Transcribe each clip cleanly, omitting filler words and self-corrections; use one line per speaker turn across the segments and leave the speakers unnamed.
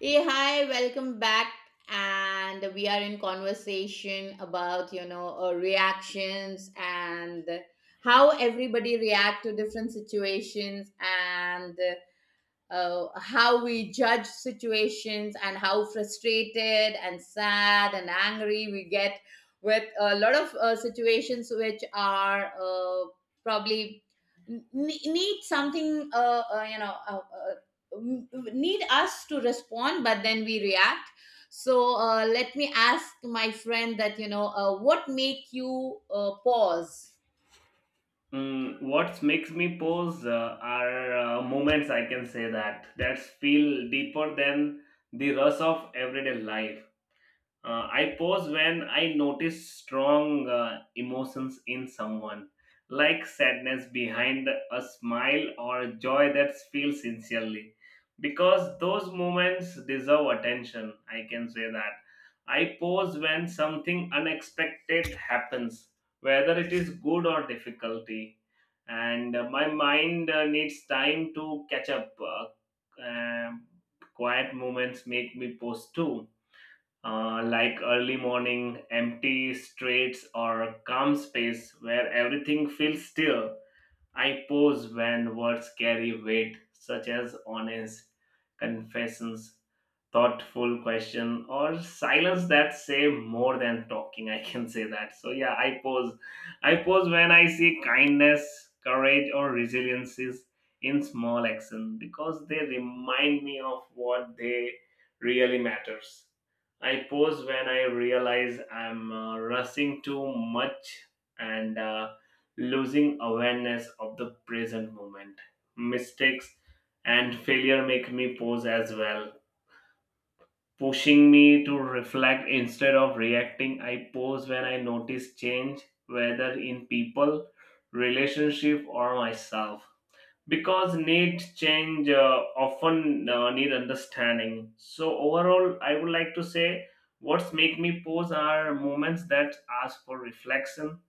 Hey, hi, welcome back. And we are in conversation about, reactions and how everybody react to different situations and how we judge situations and how frustrated and sad and angry we get with a lot of situations which are probably need something uh, you know uh, uh, m- need us to respond but then we react. So let me ask my friend that what make you pause.
Mm, what makes me pause are moments I can say that feel deeper than the rush of everyday life. I pause when I notice strong emotions in someone, like sadness behind a smile or joy that feels sincerely, because those moments deserve attention. I can say that. I pause when something unexpected happens, whether it is good or difficulty, and my mind needs time to catch up. Quiet moments make me pause too, like early morning, empty streets, or calm space where everything feels still. I pause when words carry weight, such as honest confessions, thoughtful question, or silence that say more than talking. I can say that. So yeah, I pause. I pause when I see kindness, courage, or resiliences in small action because they remind me of what they really matters. I pause when I realize I'm rushing too much and losing awareness of the present moment. Mistakes and failure make me pause as well, pushing me to reflect instead of reacting. I pause when I notice change, whether in people, relationship, or myself. Because need change often need understanding. So overall, I would like to say what's make me pause are moments that ask for reflection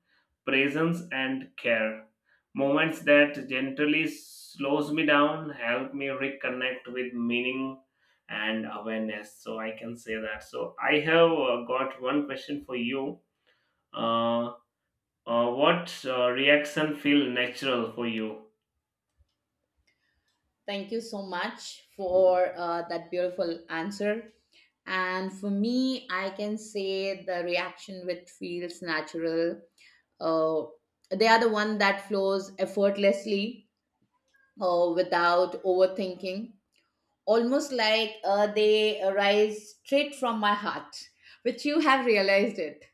presence and care. Moments that gently slows me down, help me reconnect with meaning and awareness. So I can say that. So I have got one question for you. Uh, what reaction feel natural for you?
Thank you so much for that beautiful answer. And for me, I can say the reaction which feels natural. Uh, they are the one that flows effortlessly without overthinking, almost like they arise straight from my heart, which you have realized it.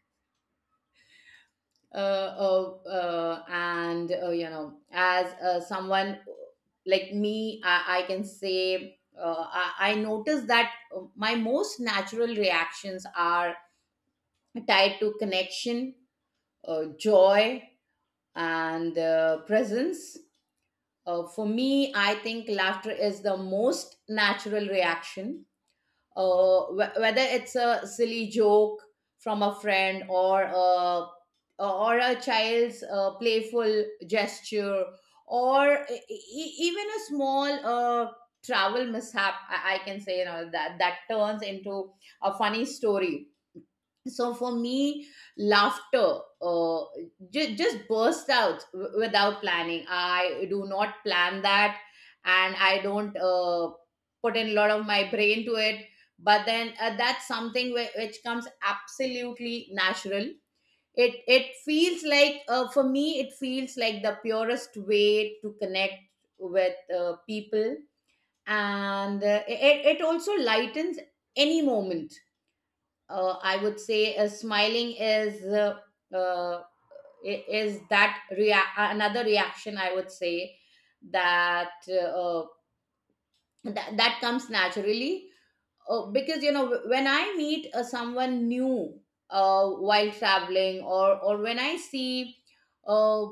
And you know as someone like I can say I notice that my most natural reactions are tied to connection, joy and presence. For me, I think laughter is the most natural reaction. Whether it's a silly joke from a friend or a child's playful gesture, or even a small travel mishap, I can say, you know, that that turns into a funny story. So for me laughter just bursts out without planning. I do not plan that, and I don't, put in a lot of my brain to it, but then that's something which comes absolutely natural. It feels like, for me it feels like the purest way to connect with people, and it also lightens any moment. I would say smiling is uh, is that another reaction, I would say, that that comes naturally, because you know when I meet someone new while traveling, or when I see uh,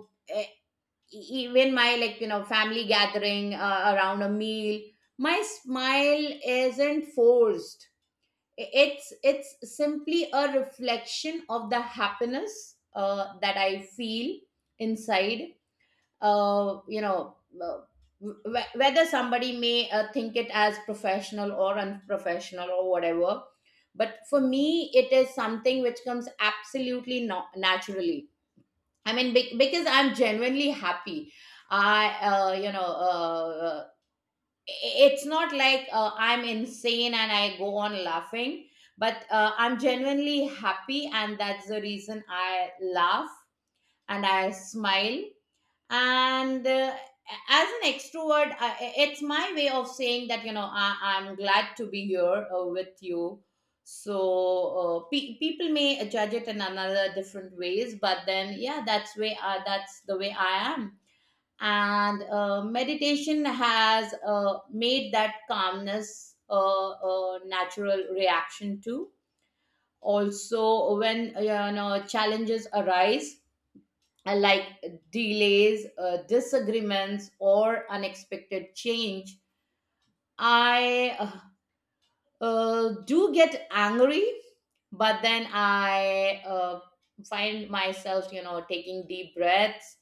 even my, like, you know, family gathering around a meal, my smile isn't forced. It's simply a reflection of the happiness that I feel inside. uh, you know uh, Whether somebody may think it as professional or unprofessional or whatever, but for me it is something which comes absolutely not naturally. I mean, because I'm genuinely happy. I you know It's not like I'm insane and I go on laughing, but I'm genuinely happy, and that's the reason I laugh and I smile. And as an extrovert, it's my way of saying that, you know, I'm glad to be here with you. So people may judge it in another different ways, but then yeah, that's the way I am. And meditation has made that calmness a natural reaction to, also when you know challenges arise, like delays, disagreements or unexpected change. I do get angry, but then I find myself, you know, taking deep breaths,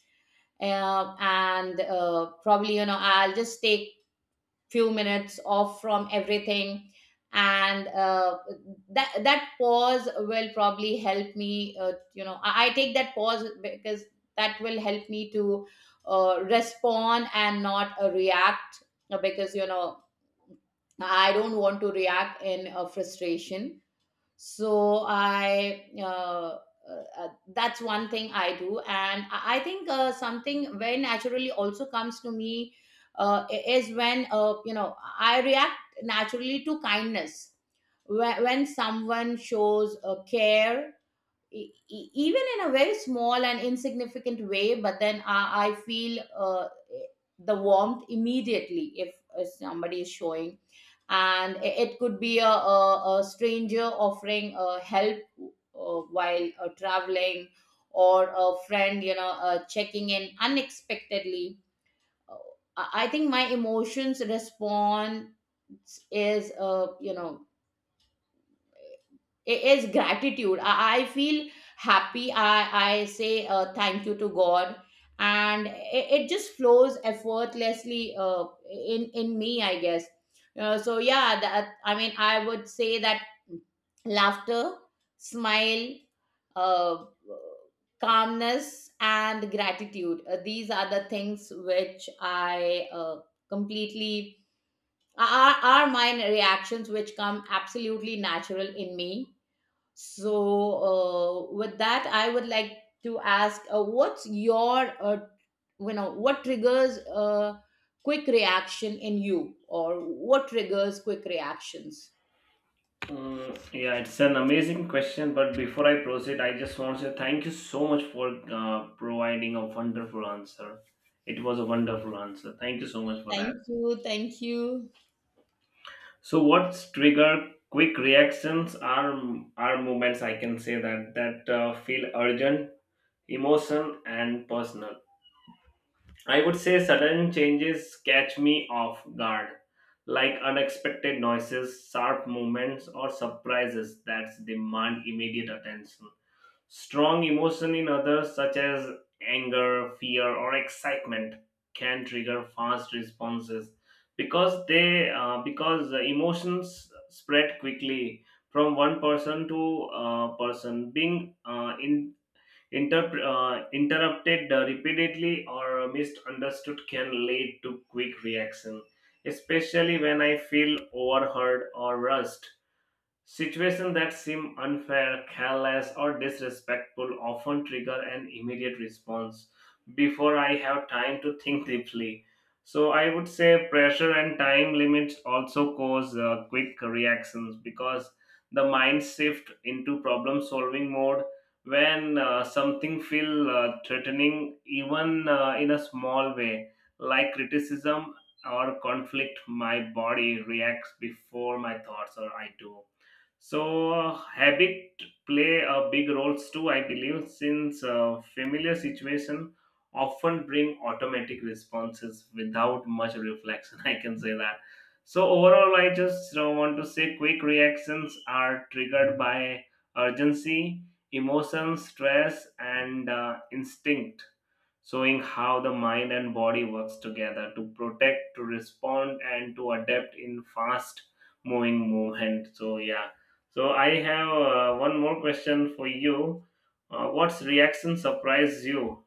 and probably, you know, I'll just take few minutes off from everything. And that pause will probably help me, I take that pause because that will help me to respond and not react, because you know I don't want to react in frustration. So i uh, uh, uh, that's one thing I do. And I think something very naturally also comes to me, is when, you know, I react naturally to kindness, when someone shows care, even in a very small and insignificant way. But then I feel the warmth immediately, if somebody is showing. And it could be a stranger offering help while traveling, or a friend, you know, checking in unexpectedly. Uh, I think my emotions response is, it is gratitude. I feel happy. I say thank you to God, and it just flows effortlessly, in me, I guess. So yeah, that I mean I would say that laughter, smile, uh, calmness and gratitude, these are the things which I completely are, are my reactions which come absolutely natural in me. So, with that, I would like to ask, what's your, what triggers a quick reaction in you, or what triggers quick reactions?
Mm, yeah, it's an amazing question. But before I proceed, I just want to say thank you so much for providing a wonderful answer. It was a wonderful answer. Thank you so much for that.
Thank you, thank you.
So what's trigger quick reactions are movements I can say that feel urgent, emotion and personal. I would say sudden changes catch me off guard, like unexpected noises, sharp movements or surprises that demand immediate attention. Strong emotion in others, such as anger, fear, or excitement, can trigger fast responses because the emotions spread quickly from one person to person, being in interrupted repeatedly or misunderstood can lead to quick reaction, especially when I feel overheard or rushed. Situations that seem unfair, careless, or disrespectful often trigger an immediate response before I have time to think deeply. So, I would say pressure and time limits also cause quick reactions because the mind shift into problem solving mode when something feel threatening even in a small way, like criticism or conflict, my body reacts before my thoughts or I do. So, habit play a big roles too, I believe, since familiar situation often bring automatic responses without much reflection. I can say that. So overall, I just want to say quick reactions are triggered by urgency, emotion, stress, and instinct, showing how the mind and body works together to protect, to respond and to adapt in fast moving movement. So yeah, so I have one more question for you. What's reaction surprised you?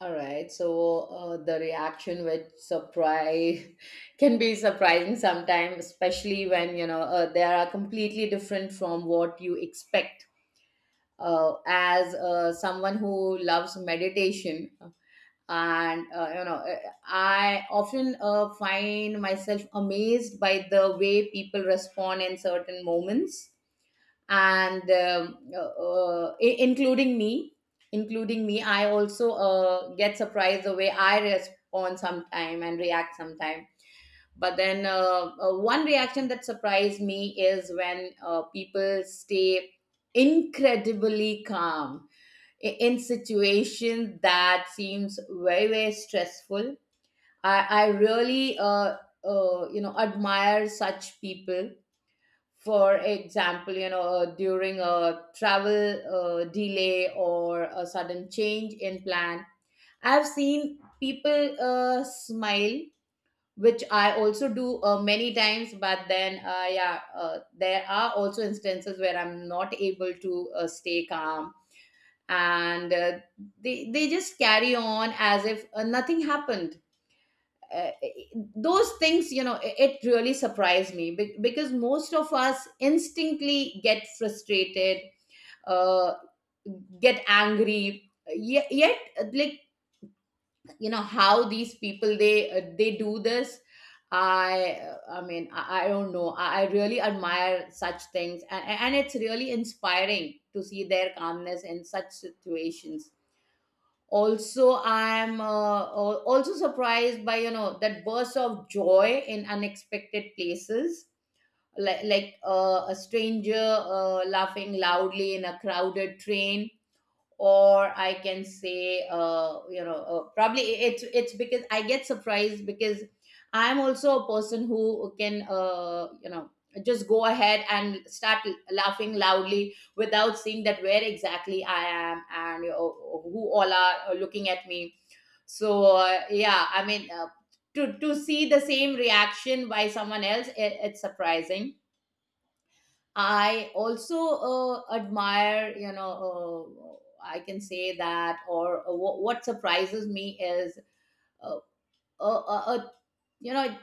All right, so the reaction with surprise can be surprising sometimes, especially when, you know, they are completely different from what you expect. As someone who loves meditation, and, I often find myself amazed by the way people respond in certain moments. And including me including me, I also get surprised the way I respond sometime and react sometime. But then one reaction that surprised me is when people stay incredibly calm in situations that seems very, very stressful. i, I really, admire such people. For example, you know, during a travel delay or a sudden change in plan, I've seen people smile, which I also do many times. But then yeah, there are also instances where I'm not able to stay calm. And they just carry on as if nothing happened. Uh, those things, you know, it really surprised me, because most of us instinctly get frustrated, uh, get angry. Yet, like, you know, how these people, they do this? I don't know. I really admire such things, and it's really inspiring to see their calmness in such situations. Also I am, also surprised by, you know, that burst of joy in unexpected places, like a stranger laughing loudly in a crowded train. Or I can say, probably it's because I get surprised because I'm also a person who can, just go ahead and start laughing loudly without seeing that where exactly I am, and, you know, who all are looking at me. So yeah, I mean, to see the same reaction by someone else, it's surprising. I also admire, you know, I can say that, or what surprises me is uh, a, you know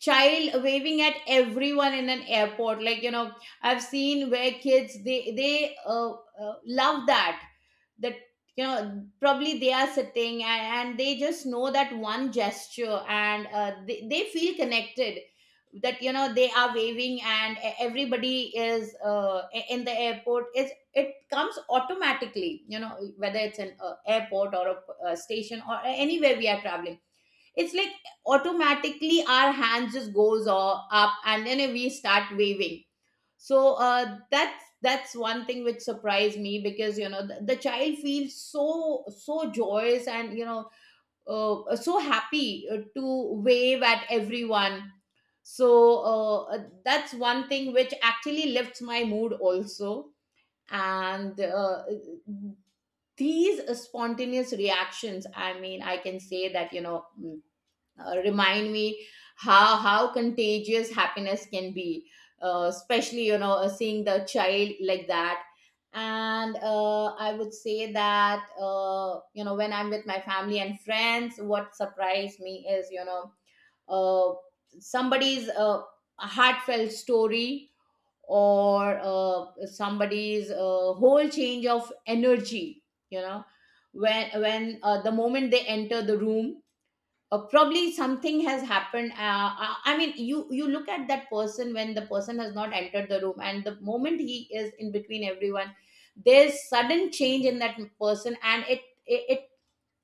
child waving at everyone in an airport. Like, you know, I've seen where kids, they love that, that, you know, probably they are sitting, and they just know that one gesture, and they feel connected, that, you know, they are waving, and everybody is, in the airport. It comes automatically, you know, whether it's an airport or a station or anywhere we are traveling. It's like automatically our hands just goes all up, and then we start waving. So that's one thing which surprised me, because you know the child feels so, so joyous, and, you know, so happy to wave at everyone. So, uh, that's one thing which actually lifts my mood also. And these spontaneous reactions, I mean, I can say that, you know, remind me how contagious happiness can be, especially, you know, seeing the child like that. And I would say that you know when I'm with my family and friends, what surprised me is, you know, uh, somebody's heartfelt story or somebody's whole change of energy, you know, when the moment they enter the room, probably something has happened. I mean you, you look at that person when the person has not entered the room, and the moment he is in between everyone, there's sudden change in that person, and it it,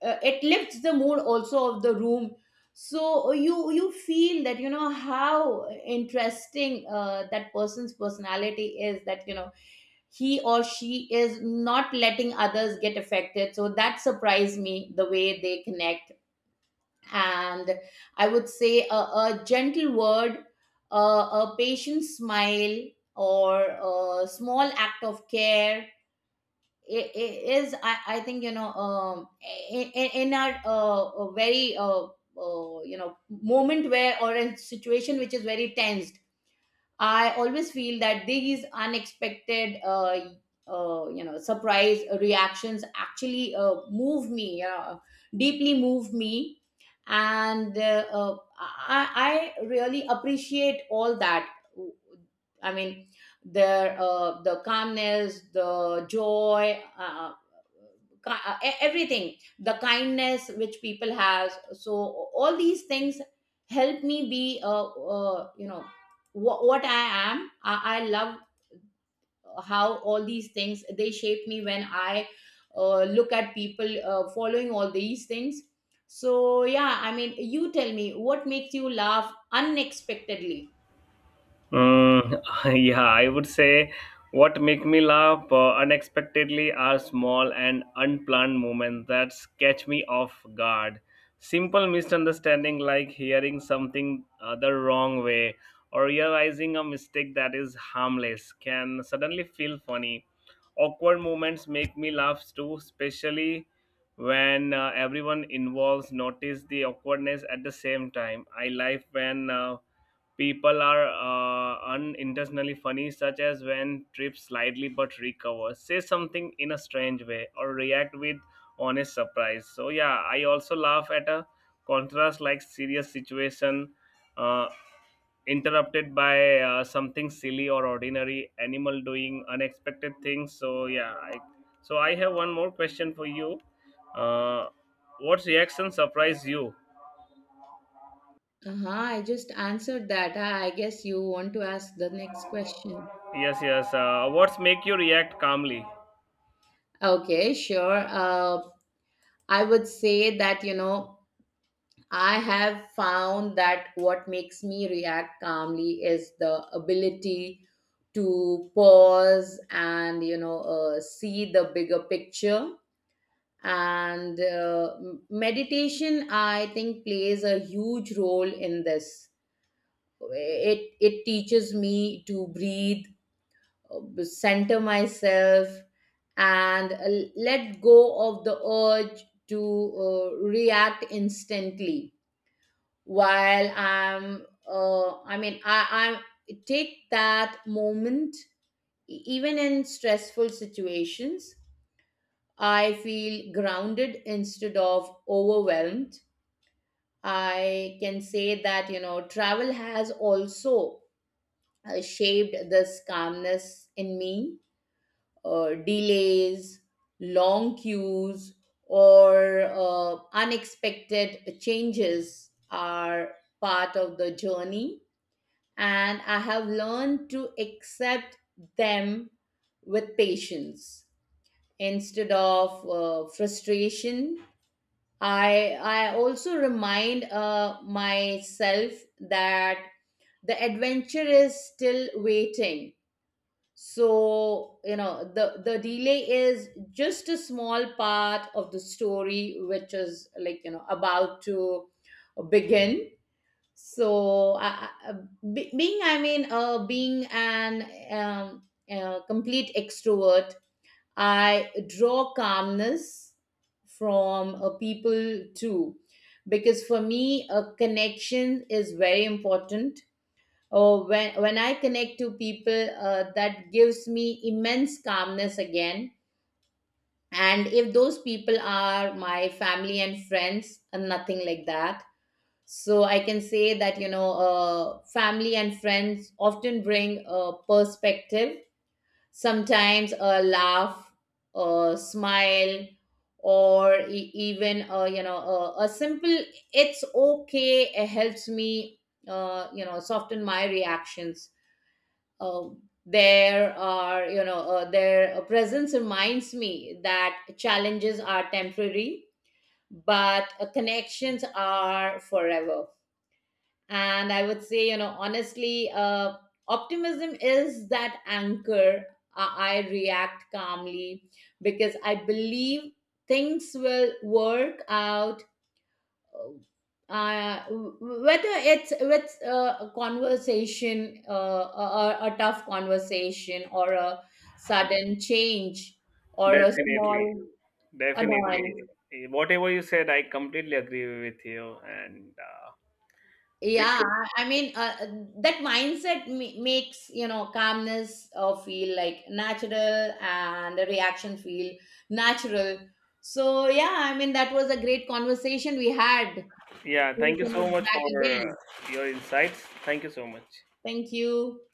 it lifts the mood also of the room. So you feel that, you know, how interesting that person's personality is, that, you know, he or she is not letting others get affected. So that surprised me, the way they connect. And I would say a gentle word, a patient smile, or a small act of care I think, you know, in our a very, you know, moment where, or a situation which is very tensed, I always feel that these unexpected, surprise reactions actually move me, deeply move me, and I really appreciate all that. I mean, their, the calmness, the joy, everything, the kindness which people has. So all these things help me be, what I am. I love how all these things they shape me when I look at people following all these things. So yeah, I mean, you tell me what makes you laugh unexpectedly.
Mm, yeah, I would say what make me laugh unexpectedly are small and unplanned moments that catch me off guard. Simple misunderstanding like hearing something the wrong way or realizing a mistake that is harmless can suddenly feel funny. Awkward moments make me laugh too, especially when everyone involved notice the awkwardness at the same time. I laugh when people are unintentionally funny, such as when trips slightly but recover, say something in a strange way, or react with honest surprise. So yeah, I also laugh at a contrast like serious situation uh, interrupted by something silly or ordinary, animal doing unexpected things. So yeah, so I have one more question for you. Uh, what reaction surprised you?
Uh-huh, I just answered that. I guess you want to ask the next question.
Yes, yes. What's make you react calmly?
Okay, sure. I would say that, you know, I have found that what makes me react calmly is the ability to pause and, you know, see the bigger picture. And meditation, I think, plays a huge role in this. It teaches me to breathe, center myself, and let go of the urge to react instantly. While i'm uh, i mean i i take that moment, even in stressful situations, I feel grounded instead of overwhelmed. I can say that, you know, travel has also shaped this calmness in me. Delays, long queues, or unexpected changes are part of the journey, and I have learned to accept them with patience instead of frustration. I also remind myself that the adventure is still waiting. So, you know, the delay is just a small part of the story which is, like, you know, about to begin. So being an um, complete extrovert, I draw calmness from people too, because for me a connection is very important. Oh, when I connect to people, that gives me immense calmness again. And if those people are my family and friends, nothing like that. So I can say that, you know, family and friends often bring a perspective, sometimes a laugh, a smile, or even, a simple, it's okay, it helps me, soften my reactions. Uh, there are, you know, their presence reminds me that challenges are temporary, but connections are forever. And I would say, you know, honestly, optimism is that anchor. I react calmly because I believe things will work out, whether it's with a conversation, a tough conversation, or a sudden change, or a
Definitely,
small
definitely.
annoyance.
Eh, whatever you said, I completely agree with you. And we
Yeah,
should,
I mean, that mindset makes, you know, calmness feel like natural, and the reaction feel natural. So, yeah, I mean, that was a great conversation we had.
yeah,
We'll
thank you so
connect
much
back
for
again.
your insights. Thank you so much.
Thank you.